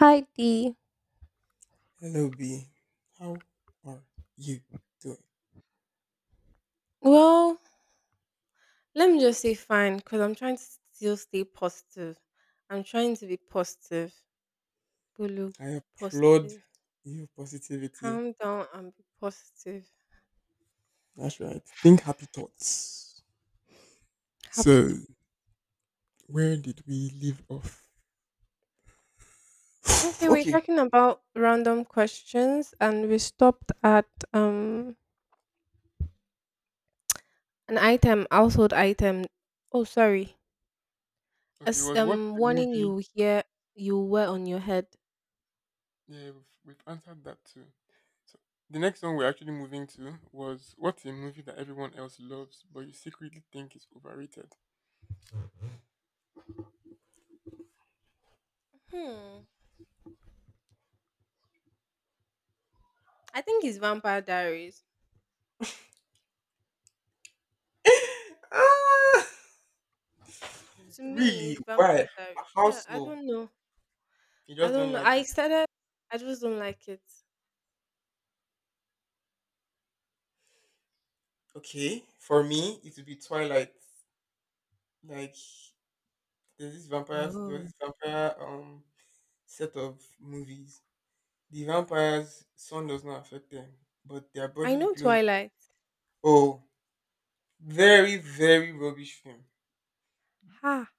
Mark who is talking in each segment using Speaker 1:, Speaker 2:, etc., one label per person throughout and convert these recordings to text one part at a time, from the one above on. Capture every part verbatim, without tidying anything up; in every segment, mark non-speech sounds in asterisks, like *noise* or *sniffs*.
Speaker 1: Hi D.
Speaker 2: Hello, B. How are you doing?
Speaker 1: Well, let me just say fine because I'm trying to still stay positive. I'm trying to be positive. Bulu, be
Speaker 2: I applaud
Speaker 1: positive.
Speaker 2: your positivity.
Speaker 1: Calm down and be positive.
Speaker 2: That's right. Think happy thoughts.
Speaker 1: Happy
Speaker 2: So,
Speaker 1: thought.
Speaker 2: where did we leave off? *sighs*
Speaker 1: Okay, we're
Speaker 2: Okay.
Speaker 1: talking about random questions and we stopped at um an item, household item. Oh, sorry.
Speaker 2: Okay, it
Speaker 1: As
Speaker 2: was what
Speaker 1: um
Speaker 2: the
Speaker 1: warning
Speaker 2: movie.
Speaker 1: you hear you wear on your head.
Speaker 2: Yeah, we've, we've answered that too. So, the next one we're actually moving to was what's a movie that everyone else loves but you secretly think is overrated? *laughs*
Speaker 1: Hmm. I think it's Vampire Diaries.
Speaker 2: Ah,
Speaker 1: To me,
Speaker 2: really?
Speaker 1: it's
Speaker 2: Why?
Speaker 1: Vampire Diaries.
Speaker 2: How
Speaker 1: Yeah, I
Speaker 2: so?
Speaker 1: don't know.
Speaker 2: You
Speaker 1: I
Speaker 2: just don't
Speaker 1: don't know.
Speaker 2: like
Speaker 1: I
Speaker 2: it.
Speaker 1: started I just don't like it.
Speaker 2: Okay, for me, it would be Twilight. Like there's this vampire, there was
Speaker 1: Oh.
Speaker 2: this vampire um set of movies. The vampires' sun does not affect them, but their
Speaker 1: I
Speaker 2: body
Speaker 1: know
Speaker 2: glows.
Speaker 1: Twilight.
Speaker 2: Oh, very very rubbish film.
Speaker 1: Ha.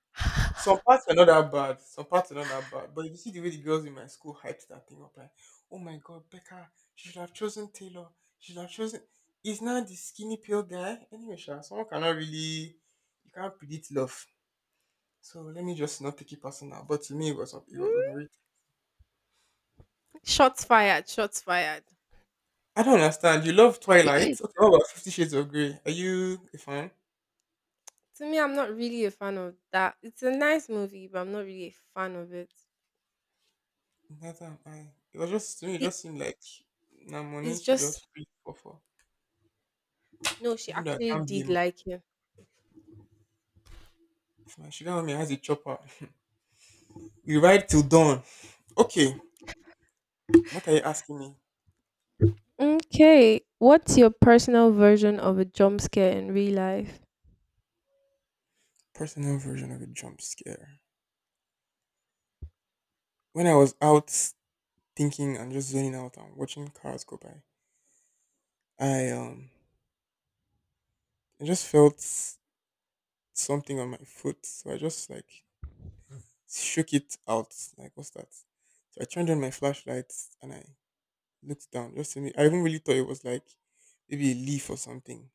Speaker 2: Some parts are not that bad. Some parts are not that bad. But if you see the way the girls in my school hyped that thing up, like, oh my god, Becca, she should have chosen Taylor. She should have chosen. Is now the skinny pale guy. Anyway, sha, someone cannot really, you can't predict love. So let me just not take it personal. But to me, it was it was
Speaker 1: Mm.
Speaker 2: overrated.
Speaker 1: Shots fired, shots fired.
Speaker 2: I don't understand. You love Twilight.
Speaker 1: *clears throat*
Speaker 2: Okay, what about Fifty Shades of Grey? Are you a fan?
Speaker 1: To me, I'm not really a fan of that. It's a nice movie, but I'm not really a fan of it.
Speaker 2: Neither am I. It was just to me. It
Speaker 1: The
Speaker 2: just seemed like now money
Speaker 1: it's
Speaker 2: She
Speaker 1: just
Speaker 2: just free for for.
Speaker 1: No, she
Speaker 2: Even though I
Speaker 1: actually
Speaker 2: can't
Speaker 1: did
Speaker 2: blame her.
Speaker 1: like him.
Speaker 2: If my sugar mommy has a chopper, *laughs* we ride till dawn. Okay, what are you asking me?
Speaker 1: Okay. What's your personal version of a jump scare in real life?
Speaker 2: Personal version of a jump scare. When I was out thinking and just zoning out and watching cars go by, I um, I just felt something on my foot. So I just like shook it out. Like, what's that? So I turned on my flashlight and I looked down. Just to me, I even really thought it was like maybe a leaf or something.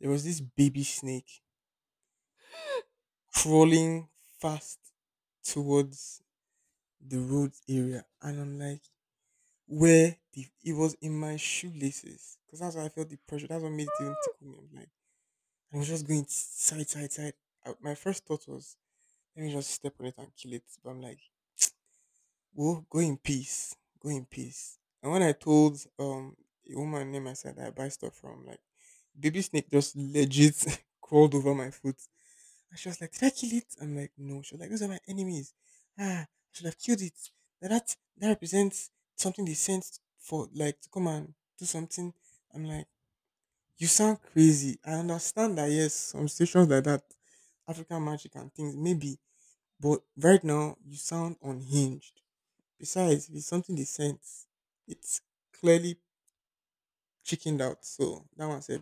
Speaker 2: There was this baby snake crawling fast towards the road area, and I'm like, where the it was in my shoelaces because that's why I felt the pressure. That's what made it even tickle me. I'm like, I was just going side, side, side. I, my first thought was, let me just step on it and kill it. But I'm like, go, go in peace. Go in peace. And when I told um a woman named I said I buy stuff from, like baby snake just legit *laughs* crawled over my foot. And she was like, did I kill it? I'm like, no. She was like, those are my enemies. Ah, I should have killed it. Now that that represents something they sent for like to come and do something. I'm like, you sound crazy. I understand that yes, some situations like that, African magic and things, maybe. But right now you sound unhinged. Besides, if it's something they sent, it's clearly chickened out. So that one's a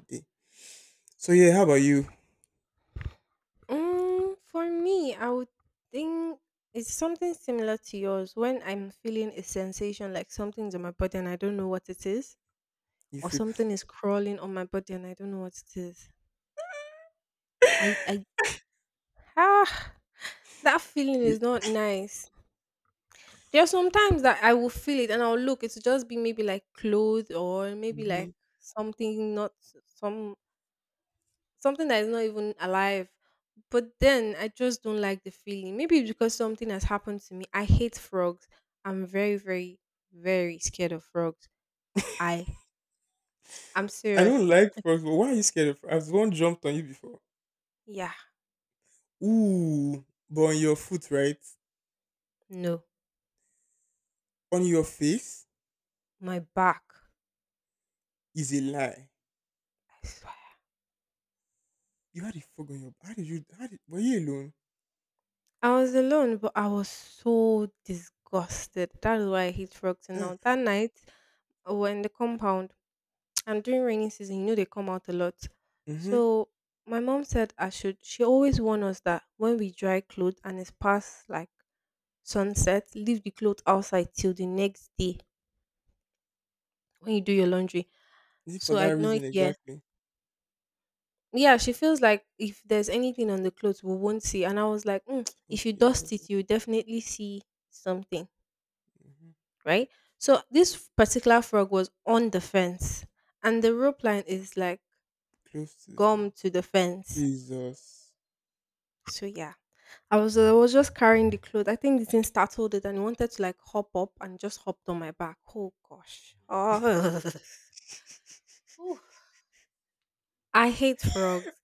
Speaker 2: so yeah, how about you?
Speaker 1: Mm, for me, I would think it's something similar to yours. When I'm feeling a sensation like something's on my body and I don't know what it is, or
Speaker 2: If you,
Speaker 1: something is crawling on my body and I don't know what it is. I, I, ah, that feeling
Speaker 2: you-
Speaker 1: is not nice. There are sometimes that I will feel it and I'll look. It'll just be maybe like clothes or maybe like
Speaker 2: mhm.
Speaker 1: something not some something that is not even alive. But then I just don't like the feeling. Maybe it's because something has happened to me. I hate frogs. I'm very, very, very scared of frogs. I I'm
Speaker 2: I
Speaker 1: serious.
Speaker 2: don't like frogs, but why are you scared of frogs? Has one jumped on you before?
Speaker 1: Yeah,
Speaker 2: Ooh, but on your foot, right?
Speaker 1: no.
Speaker 2: On your face
Speaker 1: My back.
Speaker 2: is a lie.
Speaker 1: I swear.
Speaker 2: You had a frog on your. How did you? How did? Were you alone?
Speaker 1: I was alone, but I was so disgusted. That is why I hate frogs. And
Speaker 2: Uh,
Speaker 1: now that night, when the compound and during rainy season you know they come out a lot,
Speaker 2: mm-hmm.
Speaker 1: so my mom said I should she always warned us that when we dry clothes and it's past like sunset, leave the clothes outside till the next day when you do your laundry,
Speaker 2: Is it for
Speaker 1: so I
Speaker 2: that
Speaker 1: know
Speaker 2: reason
Speaker 1: here.
Speaker 2: exactly?
Speaker 1: Yeah, she feels like if there's anything on the clothes, we won't see, and I was like, mm, if you
Speaker 2: Okay.
Speaker 1: dust
Speaker 2: Mm-hmm.
Speaker 1: it you definitely see something, right? So this particular frog was on the fence, and the rope line is like
Speaker 2: Close to the
Speaker 1: gum to
Speaker 2: fence.
Speaker 1: the fence.
Speaker 2: Jesus.
Speaker 1: So yeah, I was I was just carrying the clothes. I think the thing startled it and it wanted to like hop up and just hopped on my back. Oh gosh. Oh. *laughs* Oof. I hate frogs.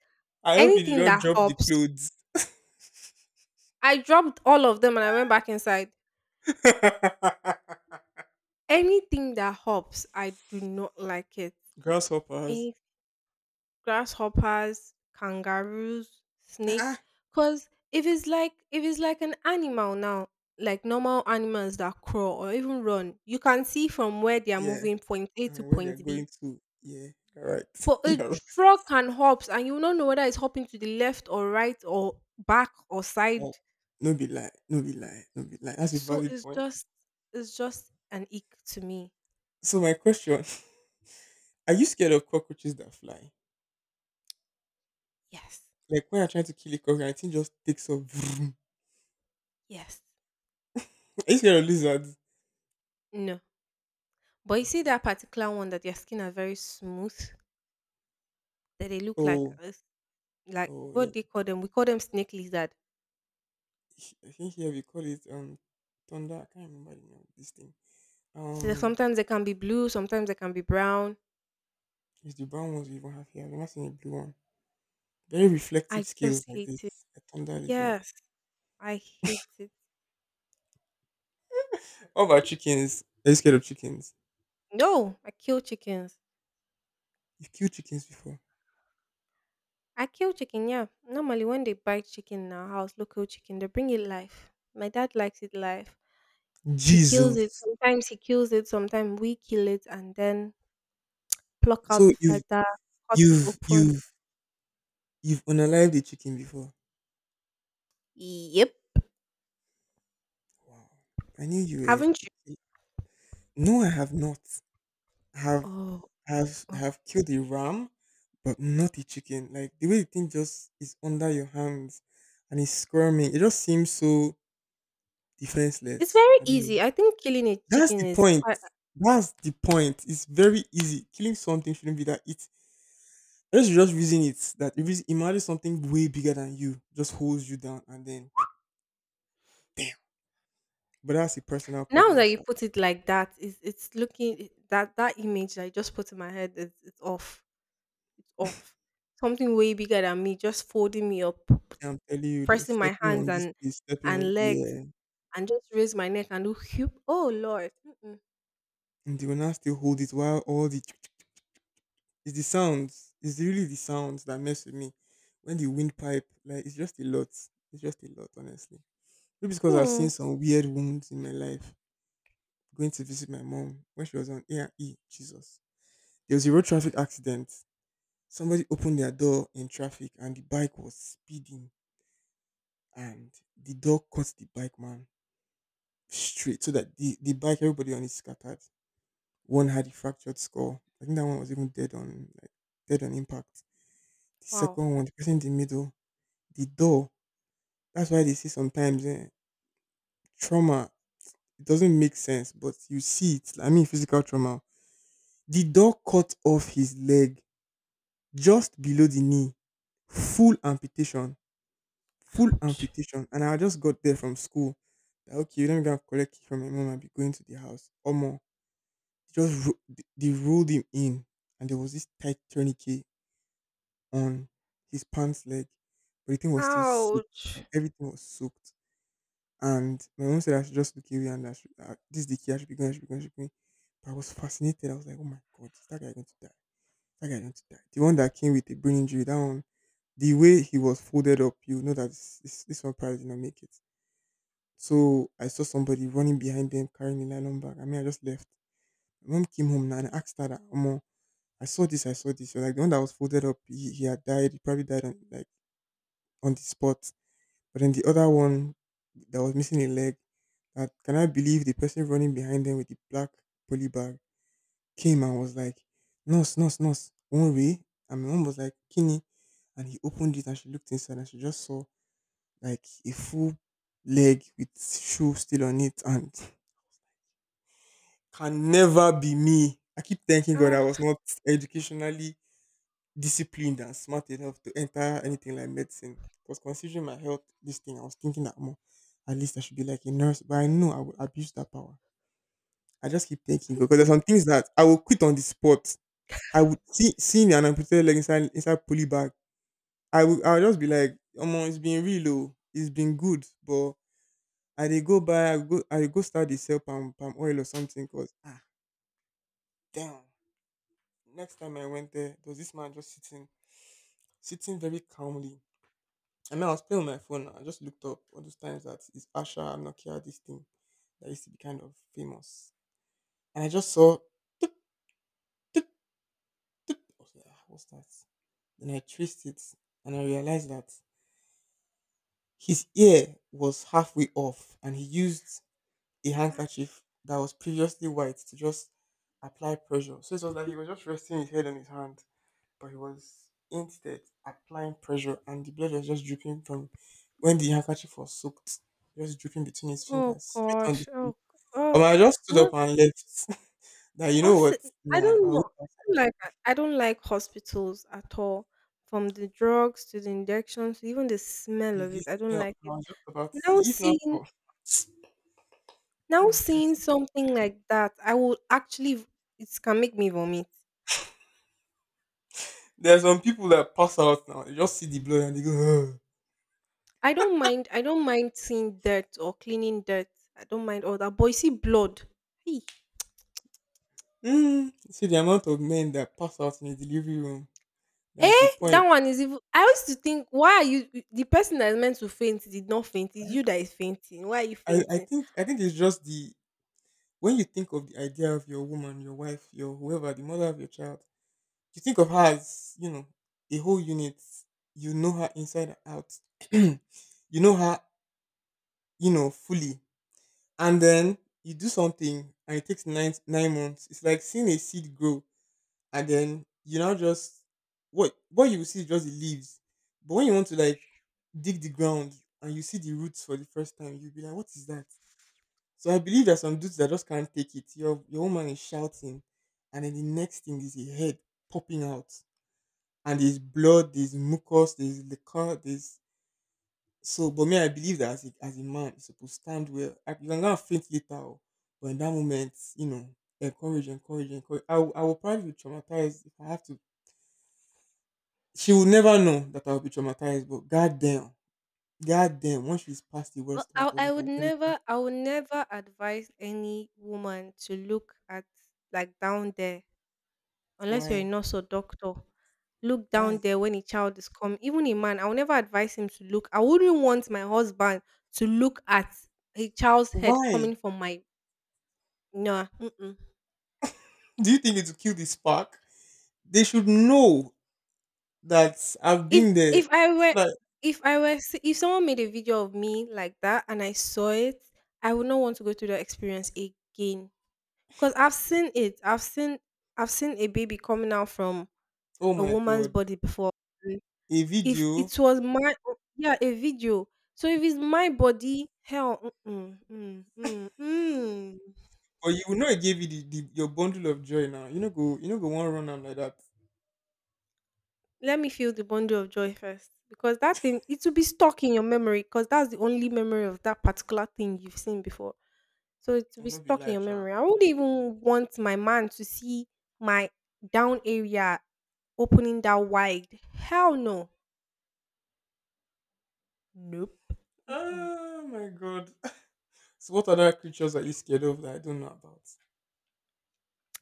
Speaker 2: I hope you did
Speaker 1: Anything
Speaker 2: not
Speaker 1: that
Speaker 2: drop the
Speaker 1: hops,
Speaker 2: clothes.
Speaker 1: I dropped all of them and I went back inside.
Speaker 2: *laughs*
Speaker 1: Anything that hops, I do not like it.
Speaker 2: Grasshoppers.
Speaker 1: Any grasshoppers, kangaroos, snake.
Speaker 2: Ah,
Speaker 1: Cause if it's like if it's like an animal now, like normal animals that crawl or even run, you can see from where they are
Speaker 2: yeah,
Speaker 1: moving, point A to
Speaker 2: and where they are
Speaker 1: point
Speaker 2: going
Speaker 1: B.
Speaker 2: to. Yeah, you're right.
Speaker 1: But
Speaker 2: *laughs*
Speaker 1: a j-
Speaker 2: You're right.
Speaker 1: frog can hops, and you will not know whether it's hopping to the left or right or back or
Speaker 2: Oh,
Speaker 1: side.
Speaker 2: no be lie, no be lie, no be lie. That's a
Speaker 1: So
Speaker 2: valid
Speaker 1: it's
Speaker 2: point.
Speaker 1: just it's just an ick to me.
Speaker 2: So my question: *laughs* are you scared of cockroaches that fly?
Speaker 1: Yes.
Speaker 2: Like when you're trying to kill a cockroach, I think just takes off. Vroom.
Speaker 1: Yes.
Speaker 2: *laughs* Are you scared of lizards?
Speaker 1: No. But you see
Speaker 2: Okay.
Speaker 1: that particular one that their skin are very smooth, that they look like
Speaker 2: Oh,
Speaker 1: us- like
Speaker 2: oh yeah.
Speaker 1: what they call them. We call them snake lizard.
Speaker 2: H- I think here we call it um thunder. I can't remember the name of this thing.
Speaker 1: So they-
Speaker 2: Um,
Speaker 1: sometimes they can be blue, sometimes they can be brown.
Speaker 2: it's the brown ones we even have here. I've never seen a blue one. Very reflective
Speaker 1: I just
Speaker 2: scales like
Speaker 1: hate it.
Speaker 2: this. A thunder lizard.
Speaker 1: Yes, I hate it.
Speaker 2: What about chickens? Are you scared of chickens?
Speaker 1: No, I kill chickens.
Speaker 2: You've killed chickens before.
Speaker 1: I kill chicken, yeah. Normally, when they buy chicken in our house, local chicken, they bring it live. My dad likes it live. He kills it.
Speaker 2: Jesus.
Speaker 1: Sometimes he kills it. Sometimes we kill it and then pluck out
Speaker 2: So
Speaker 1: the
Speaker 2: you've
Speaker 1: flutter, cut it
Speaker 2: you've
Speaker 1: open.
Speaker 2: you've you've unalived a chicken before.
Speaker 1: Yep.
Speaker 2: Wow. I knew you were
Speaker 1: Haven't
Speaker 2: a
Speaker 1: you?
Speaker 2: ki- no, I have not. I have
Speaker 1: Oh,
Speaker 2: have
Speaker 1: okay.
Speaker 2: have killed a ram, but not a chicken. Like the way the thing just is under your hands and it's squirming. It just seems so
Speaker 1: It's
Speaker 2: defenseless.
Speaker 1: very
Speaker 2: I don't know.
Speaker 1: easy. I think killing a
Speaker 2: That's
Speaker 1: chicken
Speaker 2: the
Speaker 1: is
Speaker 2: point.
Speaker 1: quite.
Speaker 2: That's the point. It's very easy. Killing something shouldn't be that easy. Unless you just reason it that if it's imagine something way bigger than you just holds you down and then damn. But that's a personal
Speaker 1: Now
Speaker 2: problem,
Speaker 1: that you
Speaker 2: sha.
Speaker 1: put it like that, it's, it's looking that that image that I just put in my head is it's off. It's off. Something way bigger than me just folding me up.
Speaker 2: I'm telling you, then
Speaker 1: Pressing my
Speaker 2: stepping on
Speaker 1: hands
Speaker 2: this
Speaker 1: and
Speaker 2: place, stepping on
Speaker 1: and legs
Speaker 2: yeah,
Speaker 1: and just raise my neck and do whoop. Oh Lord. Mm-mm.
Speaker 2: and they will now still hold it while all the *tsk* it's the sounds, it's really the sounds that mess with me. When the windpipe, like it's just a lot. It's just a lot, honestly. Maybe it's because I've
Speaker 1: Hmm.
Speaker 2: seen some weird wounds in my life. Going to visit my mom when she was on A and E, Jesus. There was a road traffic accident. Somebody opened their door in traffic and the bike was speeding and the door caught the bike man straight so that the, the bike everybody on it scattered. One had a fractured skull. I think that one was even dead on like dead on impact. The
Speaker 1: Wow.
Speaker 2: second one, the person in the middle, the door. That's why they say sometimes eh, trauma it doesn't make sense, but you see it. I mean physical trauma. The door cut off his leg just below the knee. Full amputation full
Speaker 1: Ouch.
Speaker 2: amputation. And I just got there from school. That, okay, let me go and collect it from my mom and be going to the house. Or more. Just ro- they they rolled him in, and there was this tight tourniquet on his pants leg, but the thing was still soaked.
Speaker 1: Ouch.
Speaker 2: Like everything was soaked. And my mom said I should just look away and I should, uh, this is the key. I should be going. I should be going. I should be going. But I was fascinated. I was like, oh my god, is that guy going to die? That guy going to die? The one that came with the brain injury, that one the way he was folded up, you know that this, this, this one probably did not make it. So I saw somebody running behind them carrying a nylon bag. I mean, I just left. My mom came home now and I asked her, that, Omo, I saw this, I saw this. She was like, the one that was folded up, he, he had died. He probably died on, like, on the spot. But then the other one that was missing a leg, that can I believe the person running behind them with the black poly bag came and was like, nurse, nurse, nurse, one way. And my mom was like, Kini. And he opened it and she looked inside and she just saw like a full leg with shoe still on it and can never be me. I keep thanking God I was
Speaker 1: Ah.
Speaker 2: not educationally disciplined and smart enough to enter anything like medicine. Because considering my health, this thing, I was thinking that more, at least I should be like a nurse. But I know I would abuse that power. I just keep thanking God because there's some things that I will quit on the spot. I would see seeing an amputated leg inside inside pulley bag. I will I'll just be like, Omo, it's been real low. It's been good. But I dey go buy I go I dey go start the sell palm palm oil or something because ah damn. Next time I went there, there was this man just sitting, sitting very calmly. And then I was playing on my phone, and I just looked up all those times that is Asha Nokia this thing that used to be kind of famous, and I just saw. "Tip." I was like, "Ah, what's that? Then I traced it, and I realized that his ear was halfway off, and he used a
Speaker 1: Ah.
Speaker 2: handkerchief that was previously white to just apply pressure. So it was like he was just resting his head on his hand but he was instead applying pressure, and the blood was just dripping from when the handkerchief was soaked, just dripping between his
Speaker 1: Oh
Speaker 2: fingers, straight on the
Speaker 1: gosh.
Speaker 2: floor.
Speaker 1: Oh. Oh.
Speaker 2: Um, I just stood
Speaker 1: No.
Speaker 2: up and left. *laughs* That you know
Speaker 1: Also,
Speaker 2: what?
Speaker 1: I
Speaker 2: Nah, I
Speaker 1: don't
Speaker 2: would
Speaker 1: know.
Speaker 2: have.
Speaker 1: I don't Like I don't like hospitals at all. From the drugs to the injections, even the smell
Speaker 2: Is
Speaker 1: of it,
Speaker 2: this
Speaker 1: I don't
Speaker 2: smell?
Speaker 1: like
Speaker 2: I
Speaker 1: it.
Speaker 2: was just about to
Speaker 1: Now
Speaker 2: see if not
Speaker 1: seeing
Speaker 2: for.
Speaker 1: Now
Speaker 2: Mm, *laughs* I
Speaker 1: seeing
Speaker 2: think
Speaker 1: something like that, I will actually v- it can make me vomit.
Speaker 2: there's some people that pass out now. They just see the blood and they go. "Ugh."
Speaker 1: I don't mind. I don't mind seeing dirt or cleaning dirt. I don't mind all that. But you see blood. Hey.
Speaker 2: Mm. See the amount of men that pass out in the delivery room. That at the
Speaker 1: Eh, that
Speaker 2: point,
Speaker 1: one is even. I used to think, why are you the person that is meant to faint did not faint? It's
Speaker 2: right?
Speaker 1: you that is fainting. Why are you
Speaker 2: I, I
Speaker 1: fainting?
Speaker 2: think I think it's just the when you think of the idea of your woman, your wife, your whoever, the mother of your child, you think of her as, you know, a whole unit. You know her inside and out. *clears throat* You know her, you know, fully. And then you do something and it takes nine nine months. It's like seeing a seed grow, and then you now just what what you will see is just the leaves. But when you want to like dig the ground and you see the roots for the first time, you'll be like, "What is that?" So I believe there's some dudes that just can't take it. Your your woman is shouting, and then the next thing is a head popping out, and there's blood, there's mucus, there's liquor, there's so. But me, I believe that as a, as a man, you're supposed to stand well. I, you can go and faint later, oh, but in that moment, you know, encourage, encourage, encourage. I will- I will probably be traumatized if I have to. She will never know that I will be traumatized, but goddamn, goddamn, once she's past the
Speaker 1: Well,
Speaker 2: worst
Speaker 1: I,
Speaker 2: part of
Speaker 1: I
Speaker 2: it
Speaker 1: would
Speaker 2: and everything,
Speaker 1: never, I would never advise any woman to look at like down there unless you're a
Speaker 2: why,
Speaker 1: nurse or doctor. Look
Speaker 2: why,
Speaker 1: down there when a child is coming. Even a man, I will never advise him to look. I wouldn't want my husband to look at a child's head
Speaker 2: why?
Speaker 1: coming from my no. Mm-mm.
Speaker 2: Do you think it will kill the spark? They should know that I've
Speaker 1: If
Speaker 2: been there.
Speaker 1: if I
Speaker 2: So
Speaker 1: were
Speaker 2: that
Speaker 1: if I were s- If someone made a video of me like that and I saw it, I would not want to go through that experience again. Cause I've seen it. I've seen I've seen a baby coming out from
Speaker 2: oh
Speaker 1: a
Speaker 2: my
Speaker 1: woman's
Speaker 2: god,
Speaker 1: body before.
Speaker 2: a
Speaker 1: If
Speaker 2: video,
Speaker 1: it was my Yeah, a video. So if it's my body, hell, mm mm, mm, mm.
Speaker 2: or you will not give you the, the your bundle of joy now. You know go, you know go one run am like that.
Speaker 1: Let me feel the bundle of joy first because that thing it will be stuck in your memory because that's the only memory of that particular thing you've seen before. So it will
Speaker 2: I
Speaker 1: be
Speaker 2: know, be
Speaker 1: stuck in
Speaker 2: lie,
Speaker 1: your
Speaker 2: sha.
Speaker 1: memory. I wouldn't even want my man to see my down area opening that wide. Hell no. Nope. Mm-mm.
Speaker 2: Oh my god. *laughs* So what other creatures are you scared of that I don't know about?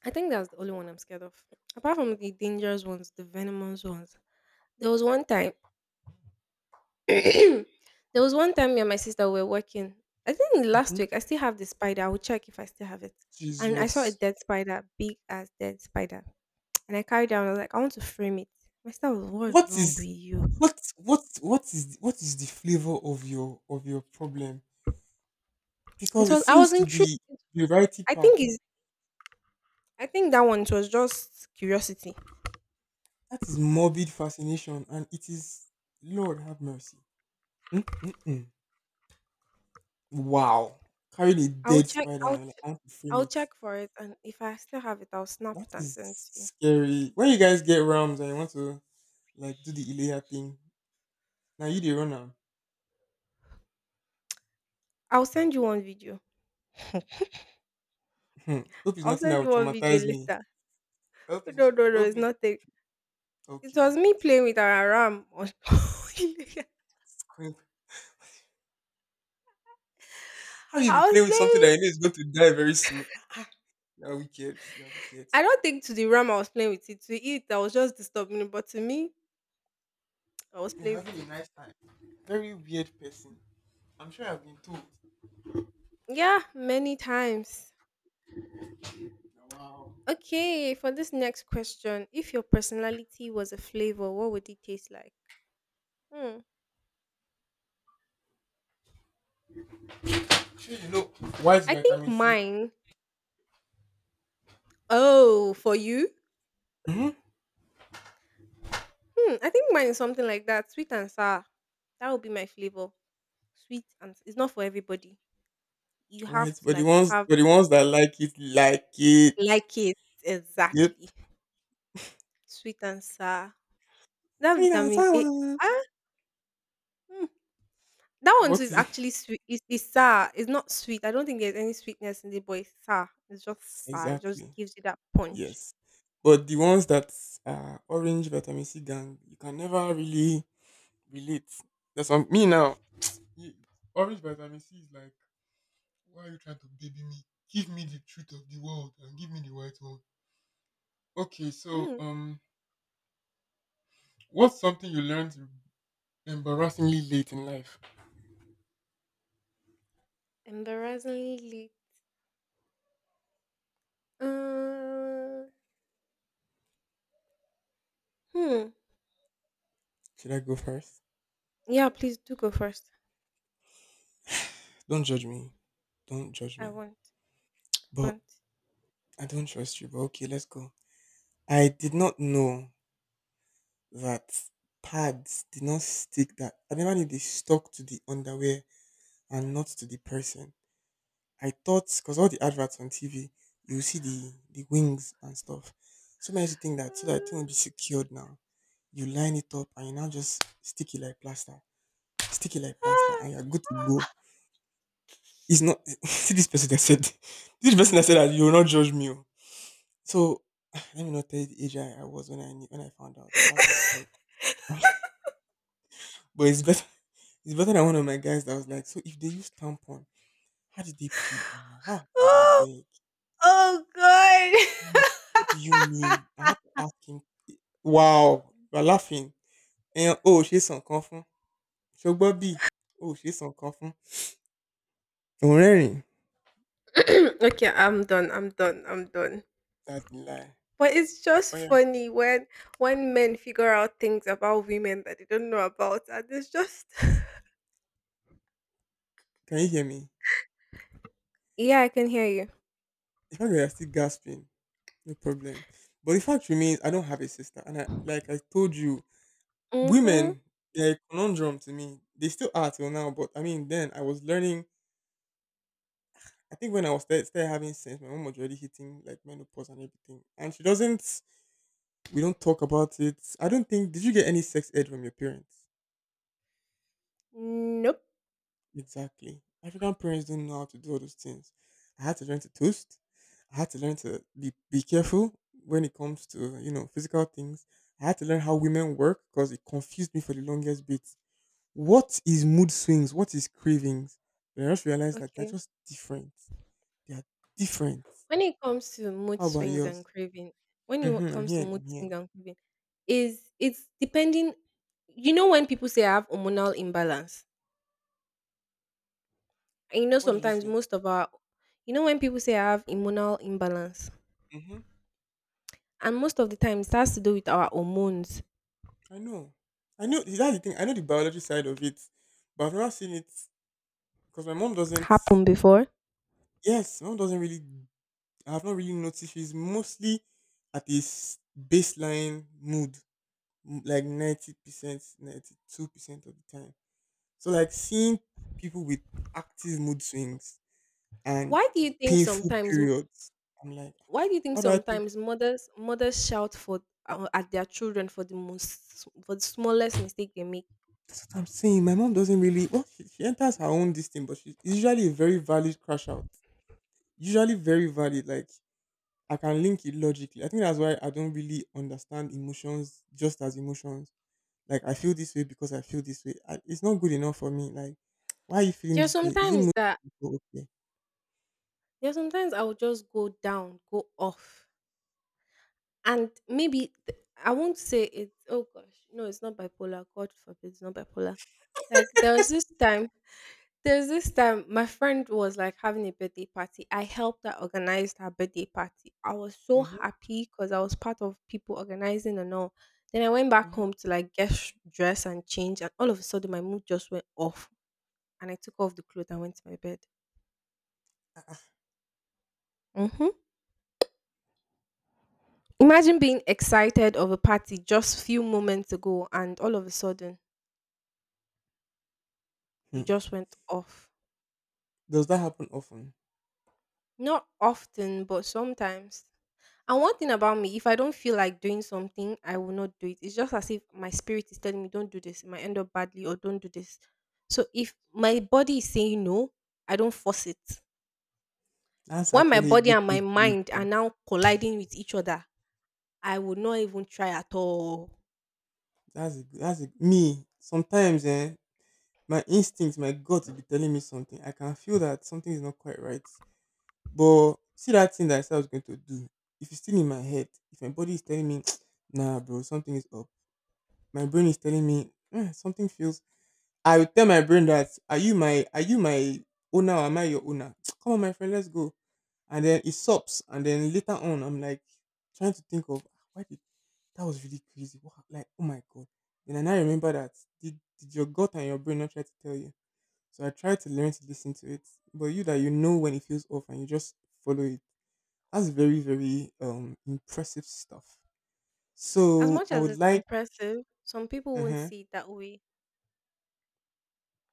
Speaker 1: I think that's the only one I'm scared of. Apart from the dangerous ones, the venomous ones. There was one time. *clears throat* there was one time Me and my sister were working. I think last
Speaker 2: Hmm.
Speaker 1: week I still have the spider. I will check if I still have it. And I saw a
Speaker 2: Jesus.
Speaker 1: dead spider, big as dead spider. *tsk* And I carried it down. I was like, I want to frame it. My sister was, what's
Speaker 2: What
Speaker 1: wrong with
Speaker 2: is
Speaker 1: you?
Speaker 2: what what what is what is the flavor of your of your problem? Because
Speaker 1: It
Speaker 2: it
Speaker 1: was I
Speaker 2: seems
Speaker 1: was
Speaker 2: to
Speaker 1: intrigued.
Speaker 2: be the variety
Speaker 1: I
Speaker 2: pack.
Speaker 1: think is I think that one it was just curiosity.
Speaker 2: That is morbid fascination, and it is Lord have mercy. Mm-mm-mm. Wow, carrying a
Speaker 1: I'll
Speaker 2: dead
Speaker 1: check.
Speaker 2: spider
Speaker 1: I'll
Speaker 2: and like,
Speaker 1: ch-
Speaker 2: "I want to frame
Speaker 1: I'll
Speaker 2: it."
Speaker 1: check for it, and if I still have it, I'll snap
Speaker 2: That
Speaker 1: it and
Speaker 2: is
Speaker 1: send it to you.
Speaker 2: scary. When you guys get realms and you want to like do the Ilea thing, now you the runner.
Speaker 1: I'll send you one video.
Speaker 2: Hmm. Hope it's
Speaker 1: I'll
Speaker 2: nothing that
Speaker 1: send
Speaker 2: will
Speaker 1: you one video
Speaker 2: traumatize me.
Speaker 1: later.
Speaker 2: Hope
Speaker 1: No, no,
Speaker 2: it's
Speaker 1: no, no, it's
Speaker 2: hope it,
Speaker 1: not a It
Speaker 2: okay,
Speaker 1: was me
Speaker 2: okay.
Speaker 1: playing with our RAM. on- *laughs* I was playing
Speaker 2: Queen, how you be playing with something that
Speaker 1: with
Speaker 2: you know is going to die very soon? You're wicked. You're wicked.
Speaker 1: I don't think to the RAM I was playing with it. To it, I was just disturbing it. But to me, I was
Speaker 2: You're
Speaker 1: playing
Speaker 2: having
Speaker 1: with
Speaker 2: a
Speaker 1: it.
Speaker 2: nice time. Very weird person. I'm sure I've been told.
Speaker 1: Yeah, many times.
Speaker 2: Wow.
Speaker 1: Okay, for this next question, if your personality was a flavor, what would it taste like? Hmm.
Speaker 2: Shey you know white
Speaker 1: I think
Speaker 2: vitamin C?
Speaker 1: mine. Oh, for you?
Speaker 2: Hmm.
Speaker 1: Hmm. I think mine is something like that, sweet and sour. That would be my flavor. Sweet and it's not for everybody. You have
Speaker 2: Right,
Speaker 1: to
Speaker 2: but the
Speaker 1: like
Speaker 2: ones
Speaker 1: have
Speaker 2: but the ones that like it like it.
Speaker 1: like it
Speaker 2: Yep.
Speaker 1: exactly. Sweet and sour. That
Speaker 2: Sweet and
Speaker 1: vitamin A
Speaker 2: sour.
Speaker 1: ah, mm, that one too
Speaker 2: What
Speaker 1: is
Speaker 2: is
Speaker 1: actually sweet. It's, it's sour. It's not sweet. I don't think there's any sweetness in the boy. It's sour. It's
Speaker 2: *laughs*
Speaker 1: just sour. It just
Speaker 2: exactly?
Speaker 1: gives you that punch.
Speaker 2: Yes. But the ones that are orange vitamin C gang, you can never really relate. That's on me now. You- orange vitamin C is like, why are you trying to baby me? Give me the truth of the world and give me the white one. Okay, so
Speaker 1: Mm,
Speaker 2: um, what's something you learned embarrassingly late in life?
Speaker 1: embarrassingly late. Uh, hmm.
Speaker 2: Should I go first?
Speaker 1: Yeah, please do go first.
Speaker 2: Don't judge me. Don't judge
Speaker 1: I
Speaker 2: me.
Speaker 1: won't.
Speaker 2: But
Speaker 1: Won't.
Speaker 2: I don't trust you. But okay, let's go. I did not know that pads did not stick that. I never knew they stuck to the underwear and not to the person. I thought because all the adverts on T V, you see the the wings and stuff. So many to think that so that the thing will be secured now. You line it up and you now just stick it like plaster. Stick it like plaster and
Speaker 1: Ah,
Speaker 2: you're good to go. It's not *laughs* see this person that said *laughs* this person that said that you will not judge me. Oh. So *sighs* let me not tell you the age I, I was when I knew, when I found out. That's not the point. *laughs* But it's better *laughs* it's better than one of my guys that was like, so if they use tampon, how did they pee? I'm like, ah
Speaker 1: *gasps*
Speaker 2: God, I
Speaker 1: oh,
Speaker 2: beg.
Speaker 1: oh
Speaker 2: I'm
Speaker 1: God.
Speaker 2: like, what do you mean? I had to ask him. Wow, you're laughing. And oh, she's some confirm. So Bobby, oh, she's some confirm. Don't worry.
Speaker 1: *coughs* *laughs* *clears throat* Okay, I'm done. I'm done. I'm done.
Speaker 2: That's a lie.
Speaker 1: But it's just
Speaker 2: Oh yeah,
Speaker 1: funny when when men figure out things about women that they don't know about, and it's just *laughs*
Speaker 2: can you hear me?
Speaker 1: yeah, I can hear you.
Speaker 2: The fact that you're still gasping, no problem. But the fact remains, I don't have a sister, and I, like I told you,
Speaker 1: Mm-hmm.
Speaker 2: women, they're a conundrum to me. They still are till now, but I mean, then I was learning. I think when I was started, started having sex, my mom was already hitting like menopause and everything, and she doesn't. We don't talk about it. I don't think. Did you get any sex ed from your parents?
Speaker 1: Nope.
Speaker 2: Exactly. African parents don't know how to do all those things. I had to learn to toast. I had to learn to be be careful when it comes to you know physical things. I had to learn how women work because it confused me for the longest bit. What is mood swings? What is cravings? And I just realized that they're
Speaker 1: Okay.
Speaker 2: just different. They are different.
Speaker 1: When it comes to mood
Speaker 2: How about
Speaker 1: swings and
Speaker 2: yours?
Speaker 1: craving, when
Speaker 2: Hmm,
Speaker 1: it
Speaker 2: I'm
Speaker 1: comes to
Speaker 2: here.
Speaker 1: mood
Speaker 2: I'm here.
Speaker 1: swings and craving, is it's depending. You know when people say I have hormonal imbalance, and you know
Speaker 2: What did you
Speaker 1: sometimes
Speaker 2: say?
Speaker 1: most of our, You know when people say I have hormonal imbalance,
Speaker 2: Hmm.
Speaker 1: and most of the time it has to do with our hormones.
Speaker 2: I know. I know. That's the thing. I know the biology side of it, but I've never seen it because my mom doesn't.
Speaker 1: Happened before.
Speaker 2: Yes, my mom doesn't really. I have not really noticed. She's mostly at this baseline mood, m- like ninety percent, ninety-two percent of the time. So like seeing people with active mood swings and
Speaker 1: Why do you think
Speaker 2: painful
Speaker 1: sometimes
Speaker 2: periods. I'm like,
Speaker 1: Why do you think
Speaker 2: what do I think?
Speaker 1: sometimes mothers mothers shout for uh, at their children for the most for the smallest mistake they make?
Speaker 2: That's what I'm saying. My mom doesn't really well, she, she enters her own this thing, but she's usually a very valid crash out. Usually very valid. Like I can link it logically. I think that's why I don't really understand emotions just as emotions. Like I feel this way because I feel this way. I, it's not good enough for me. Like, why are you feeling
Speaker 1: There are
Speaker 2: this way? Is it
Speaker 1: sometimes
Speaker 2: mo-
Speaker 1: that
Speaker 2: oh, okay?
Speaker 1: there are sometimes I will just go down, go off. And maybe th- I won't say it. Oh gosh, no, it's not bipolar. God forbid, it's not bipolar. Like there was this time, there was this time my friend was like having a birthday party. I helped her organize her birthday party. I was so
Speaker 2: Mm-hmm,
Speaker 1: happy because I was part of people organizing and all. Then I went back
Speaker 2: mm-hmm.
Speaker 1: home to like get sh- dressed and change, and all of a sudden my mood just went off, and I took off the clothes and went to my bed.
Speaker 2: Ah, ah.
Speaker 1: Hmm. Imagine being excited of a party just few moments ago, and all of a sudden you
Speaker 2: Hmm.
Speaker 1: just went off.
Speaker 2: Does that happen often?
Speaker 1: Not often, but sometimes. And one thing about me, if I don't feel like doing something, I will not do it. It's just as if my spirit is telling me, don't do this. It might end up badly or don't do this. So if my body is saying no, I don't force it.
Speaker 2: That's
Speaker 1: When my
Speaker 2: actually a
Speaker 1: body
Speaker 2: good
Speaker 1: and
Speaker 2: thing
Speaker 1: my
Speaker 2: to
Speaker 1: mind are
Speaker 2: do.
Speaker 1: now colliding with each other, I would not even try at all.
Speaker 2: That's a, that's a, me. Sometimes, eh, my instincts, my gut will be telling me something. I can feel that something is not quite right. But see that thing that I said I was going to do. If it's still in my head, if my body is telling me, *sniffs* *tsk* nah, bro, something is up. My brain is telling me, eh, something feels I would tell my brain that are you my are you my owner or am I your owner? *tsk* Come on, my friend, let's go. And then it stops. And then later on, I'm like trying to think of, "Ah, why did that was really crazy. Wow, like oh my god." Then I now remember that did did your gut and your brain not try to tell you? So I try to learn to listen to it. But you that you know when it feels off and you just follow it. That's very very um impressive stuff.
Speaker 1: As
Speaker 2: So
Speaker 1: much
Speaker 2: I
Speaker 1: as
Speaker 2: would
Speaker 1: it's
Speaker 2: like
Speaker 1: impressive, some people
Speaker 2: uh
Speaker 1: won't
Speaker 2: huh.
Speaker 1: see it that way.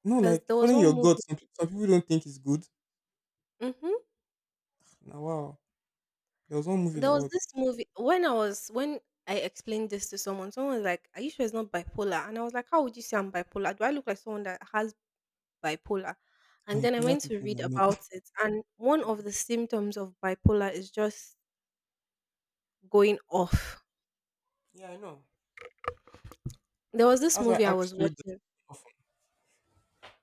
Speaker 2: No,
Speaker 1: Because
Speaker 2: like
Speaker 1: there was
Speaker 2: following
Speaker 1: one
Speaker 2: your gut.
Speaker 1: movie.
Speaker 2: Some, pe- some people don't think it's good.
Speaker 1: Mhm.
Speaker 2: Now, wow. There was one movie
Speaker 1: There
Speaker 2: that
Speaker 1: was
Speaker 2: what
Speaker 1: this movie when I was when I explained this to someone, someone was like, "Are you sure it's not bipolar?" And I was like, "How would you say I'm bipolar? Do I look like someone that has bipolar?" And
Speaker 2: my
Speaker 1: then I
Speaker 2: polar
Speaker 1: went to
Speaker 2: people
Speaker 1: read
Speaker 2: were not.
Speaker 1: about
Speaker 2: *laughs*
Speaker 1: it, and one of
Speaker 2: Mhm.
Speaker 1: the symptoms of bipolar is just going off.
Speaker 2: Yeah, I know.
Speaker 1: There was this
Speaker 2: That's why
Speaker 1: movie
Speaker 2: I
Speaker 1: I
Speaker 2: asked
Speaker 1: was
Speaker 2: you. The-
Speaker 1: watching.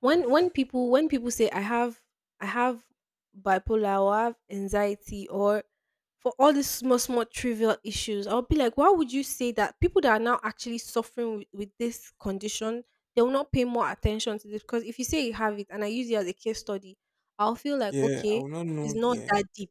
Speaker 1: when when people when people say i have i have bipolar or I have anxiety or for all these small small trivial issues, I'll be like, why would you say that? People that are now actually suffering with, with this condition, they will not pay more attention to this because if you say you have it and I use it as a case study, I'll feel like,
Speaker 2: yeah, I
Speaker 1: okay,
Speaker 2: will not
Speaker 1: it's
Speaker 2: know.
Speaker 1: not
Speaker 2: Yeah.
Speaker 1: that deep.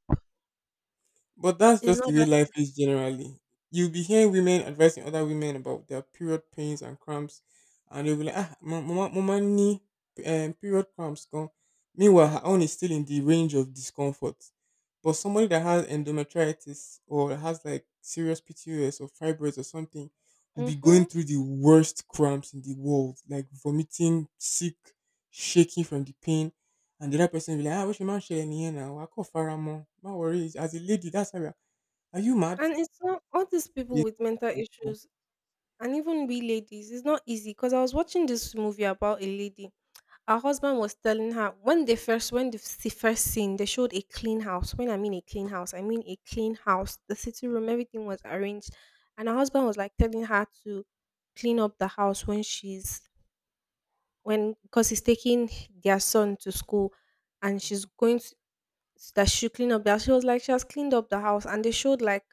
Speaker 2: But that's
Speaker 1: It's
Speaker 2: just the
Speaker 1: not
Speaker 2: way
Speaker 1: that
Speaker 2: life is generally. You'll be hearing women advising other women about their period pains and cramps, and they will be like, ah, mama, mama, knee, um, period cramps gone. Meanwhile, her own is still in the range of discomfort. But somebody that has endometritis or has like serious P T O S or fibroids or something will be going
Speaker 1: Mm-hmm.
Speaker 2: through the worst cramps in the world, like vomiting, sick, shaking from the pain and the other person will be like, ah, what you man share in here now? I call Faramon. No worries. As a lady, that's how we are. Are you mad?
Speaker 1: And it's not all these people
Speaker 2: It's
Speaker 1: with
Speaker 2: not
Speaker 1: mental
Speaker 2: good at all.
Speaker 1: issues, and even we ladies it's not easy because I was watching this movie about a lady. Our husband was telling her when they first when the s- first scene, they showed a clean house. When I mean a clean house, I mean a clean house. The sitting room,
Speaker 2: Mhm,
Speaker 1: everything was arranged, and her husband was like telling her to clean up the house when she's when because he's taking their son to school, and she's
Speaker 2: mhm.
Speaker 1: going to, that she clean up the house. She was like she has cleaned up the house, and they showed like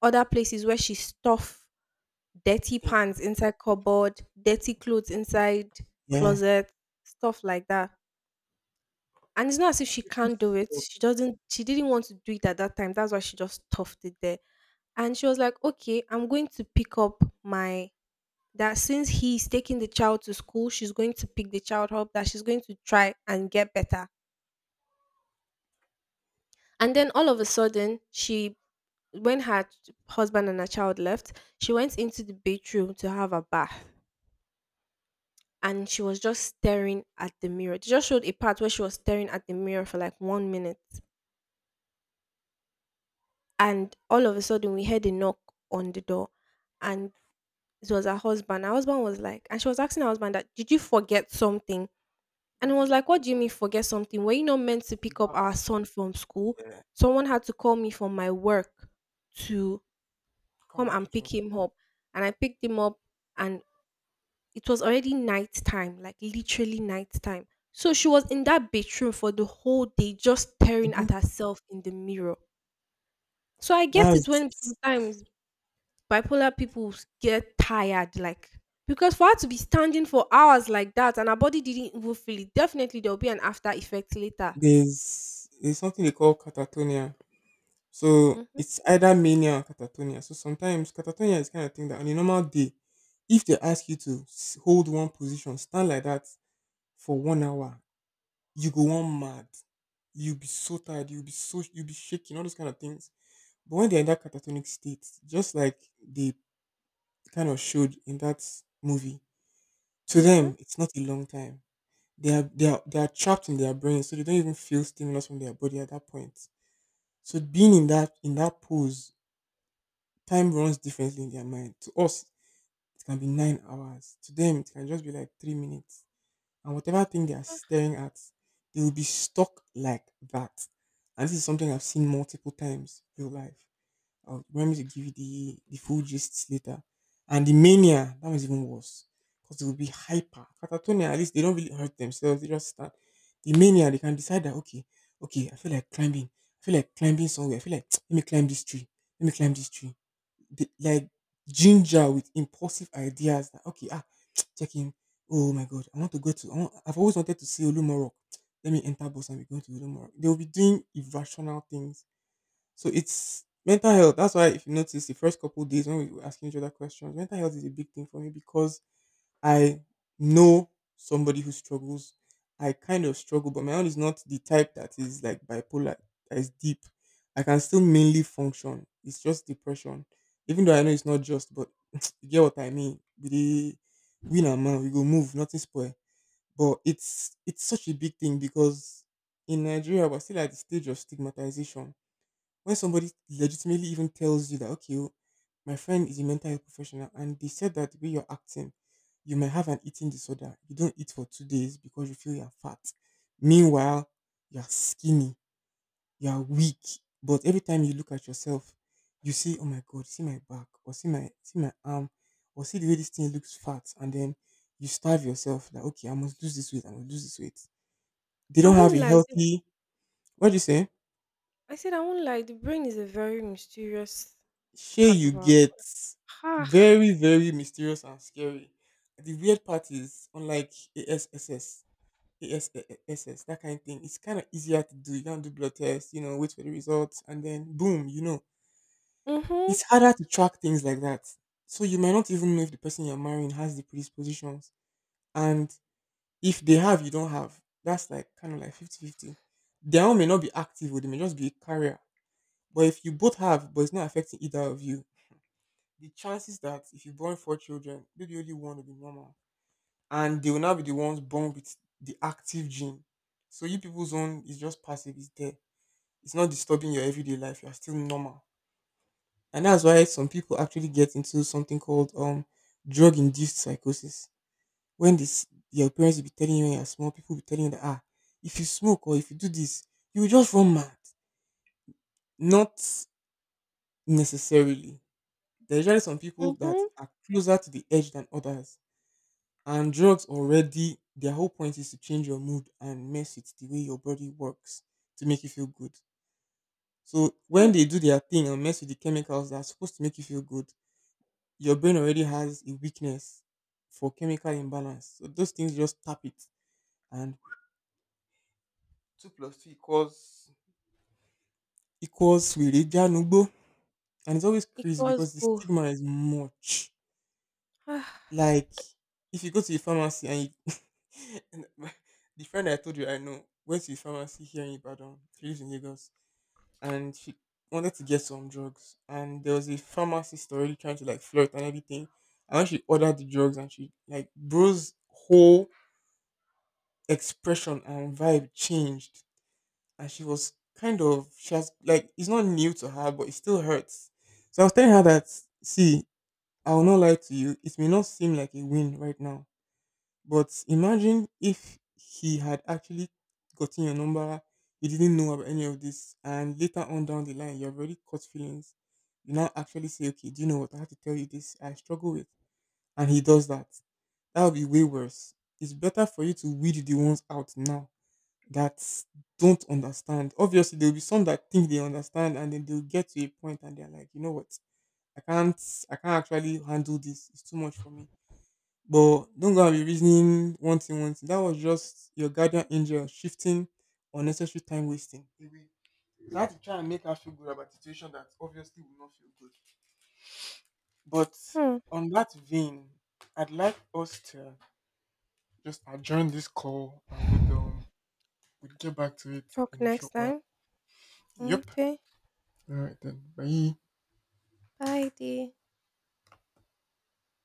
Speaker 1: other places where she stuffed dirty
Speaker 2: Think.
Speaker 1: pants inside cupboard, dirty clothes inside
Speaker 2: Yeah.
Speaker 1: closet, stuff like that. And it's not as if she can't do it. She doesn't she didn't want to do it at that time. That's why she just toughed it there. And she was like, "Okay, I'm going to pick up my, that since he's taking the child to school, she's going to pick the child up, that she's going to try and get better." And then all of a sudden, she, when her husband and her child left, she went into the bedroom to have a bath. And she was just staring at the mirror. They just showed a part where she was staring at the mirror for like one minute. And all of a sudden, we heard a knock on the door, and it was her husband. Her husband was like and She was asking her husband, that "did you forget something?" And he was
Speaker 2: Mm-hmm.
Speaker 1: like, "What do you mean forget something? Were you not meant to
Speaker 2: Come
Speaker 1: pick up
Speaker 2: back.
Speaker 1: our son from school?
Speaker 2: Yeah.
Speaker 1: Someone had to call me from my work to
Speaker 2: Come
Speaker 1: come
Speaker 2: and
Speaker 1: and
Speaker 2: pick him up.
Speaker 1: pick him up, and I picked him up." And it was already night time, like literally night time. So she was in that bedroom for the whole day just staring
Speaker 2: Hmm.
Speaker 1: at herself in the mirror. So I get it when
Speaker 2: That's
Speaker 1: sometimes bipolar people s- get tired, like, because for her to be standing for hours like that and her body didn't even feel it, definitely there will be an after effect later.
Speaker 2: there's there's something they call catatonia. So
Speaker 1: Mhm.
Speaker 2: it's either mania or catatonia. So sometimes catatonia is kind of thing that on a normal day, if they ask you to s- hold one position, stand like that for one hour, you go on mad. You'll be so tired, you'll be so you'll be shaking, all those kind of things. But when they're in that catatonic state, just like they kind of showed in that movie, to
Speaker 1: Mhm.
Speaker 2: them it's not a long time. They are they are they are trapped in their brain, so they don't even feel stimulus from their body at that point. So being in that in that pose, time runs differently in their mind. To us, it can be nine hours. To them, it can just be like three minutes, and whatever thing they are staring at, they will be stuck like that. And this is something I've seen multiple times in real life. I'll remember to give you the, the full gist later. And the mania, that was even worse. Because they will be hyper. Catatonia, at least they don't really hurt themselves. They just start. The mania, they can decide that, okay, okay, I feel like climbing. I feel like climbing somewhere. I feel like, *tsk* let me climb this tree. Let me climb this tree, the, like ginger with impulsive ideas that, okay, ah *tsk* check in, oh my god, I want to go to I want, I've always wanted to see olumorok. Let me enter bus and we're going to olumorok. They'll be doing irrational things. So it's mental health. That's why if you notice the first couple days when we were asking each other questions, mental health is a big thing for me, because I know somebody who struggles. I kind of struggle, but my own is not the type that is like bipolar, that is deep. I can still mainly function. It's just depression. Even though I know it's not just, but *sniffs* *tsk* you get what I mean. We dey win and man, we go move, nothing spoil. But it's it's such a big thing, because in Nigeria we're still at the stage of stigmatization, when somebody legitimately even tells you that, okay, oh, my friend is a mental health professional and they said that the way you're acting, you might have an eating disorder. You don't eat for two days because you feel you're fat. Meanwhile, you're skinny, you're weak, but every time you look at yourself you see, oh my god, see my back, or see my see my arm, or see the way this thing looks fat. And then you starve yourself, like, okay, I must lose this weight, I must lose this weight. They
Speaker 1: I
Speaker 2: don't have
Speaker 1: won't
Speaker 2: a
Speaker 1: lie. The,
Speaker 2: healthy — what do you say?
Speaker 1: I said I won't lie. The brain is a very mysterious
Speaker 2: Shey
Speaker 1: part
Speaker 2: you
Speaker 1: of our
Speaker 2: get?
Speaker 1: body. Ah.
Speaker 2: Very, very mysterious and scary. The weird part is, unlike A S S S, A S S S, that kind of thing. It's kind of easier to do. You can do blood tests, you know, wait for the results, and then boom, you know.
Speaker 1: Mhm.
Speaker 2: It's harder to track things like that. So you might not even know if the person you're marrying has the predispositions, and if they have, you don't have. That's like kind of like fifty fifty. 50. Their own may not be active, or they may just be a carrier. But if you both have, but it's not affecting either of you, the chances that if you born four children, maybe only one will be normal. And they will now be the ones born with the active gene. So you people's own is just passive, it's there. It's not disturbing your everyday life. You're still normal. And that's why some people actually get into something called um drug induced psychosis. When this, your parents will be telling you when you're small, people will be telling you that, ah, if you smoke or if you do this, you will just run mad. Not necessarily. There are usually some people that
Speaker 1: Mhm.
Speaker 2: are closer to the edge than others. And drugs already, their whole point is to change your mood and mess with the way your body works to make you feel good. So when
Speaker 1: Hmm.
Speaker 2: they do their thing and mess with the chemicals that are supposed to make you feel good, your brain already has a weakness for chemical imbalance. So those things just tap it, and two plus two equals equals really Janugbo. And it's always crazy
Speaker 1: Equals
Speaker 2: because the
Speaker 1: go.
Speaker 2: stigma is much.
Speaker 1: Ah.
Speaker 2: Like, if you go to the pharmacy and you — and *laughs* my- the friend I told you I know went to a pharmacy here in Ibadan. She lives in Lagos, and she wanted to get some drugs. And there was a pharmacist already trying to, like, flirt and everything. And when she ordered the drugs, and she, like, bro's whole expression and vibe changed, and she was kind of — she has, like, it's not new to her, but it still hurts. So I was telling her that, see, I will not lie to you. It may not seem like a win right now, but imagine if he had actually gotten your number, you didn't know about any of this, and later on down the line, you have already caught feelings. You now actually say, okay, do you know what? I have to tell you this. I struggle with — and he does that. That would be way worse. It's better for you to weed the ones out now that don't understand. Obviously, there will be some that think they understand, and then they'll get to a point and they're like, you know what? I can't, I can't actually handle this. It's too much for me. But don't go and be reasoning one thing, one thing. That was just your guardian angel shifting unnecessary time wasting away. So I had to try and make her feel good about the situation that obviously will not feel good. But
Speaker 1: Hmm.
Speaker 2: on that vein, I'd like us to just adjourn this call. I would um would get back to it
Speaker 1: Talk
Speaker 2: in a
Speaker 1: next
Speaker 2: short while.
Speaker 1: time.
Speaker 2: Yep.
Speaker 1: Okay.
Speaker 2: All right then. Bye.
Speaker 1: Bye, dear.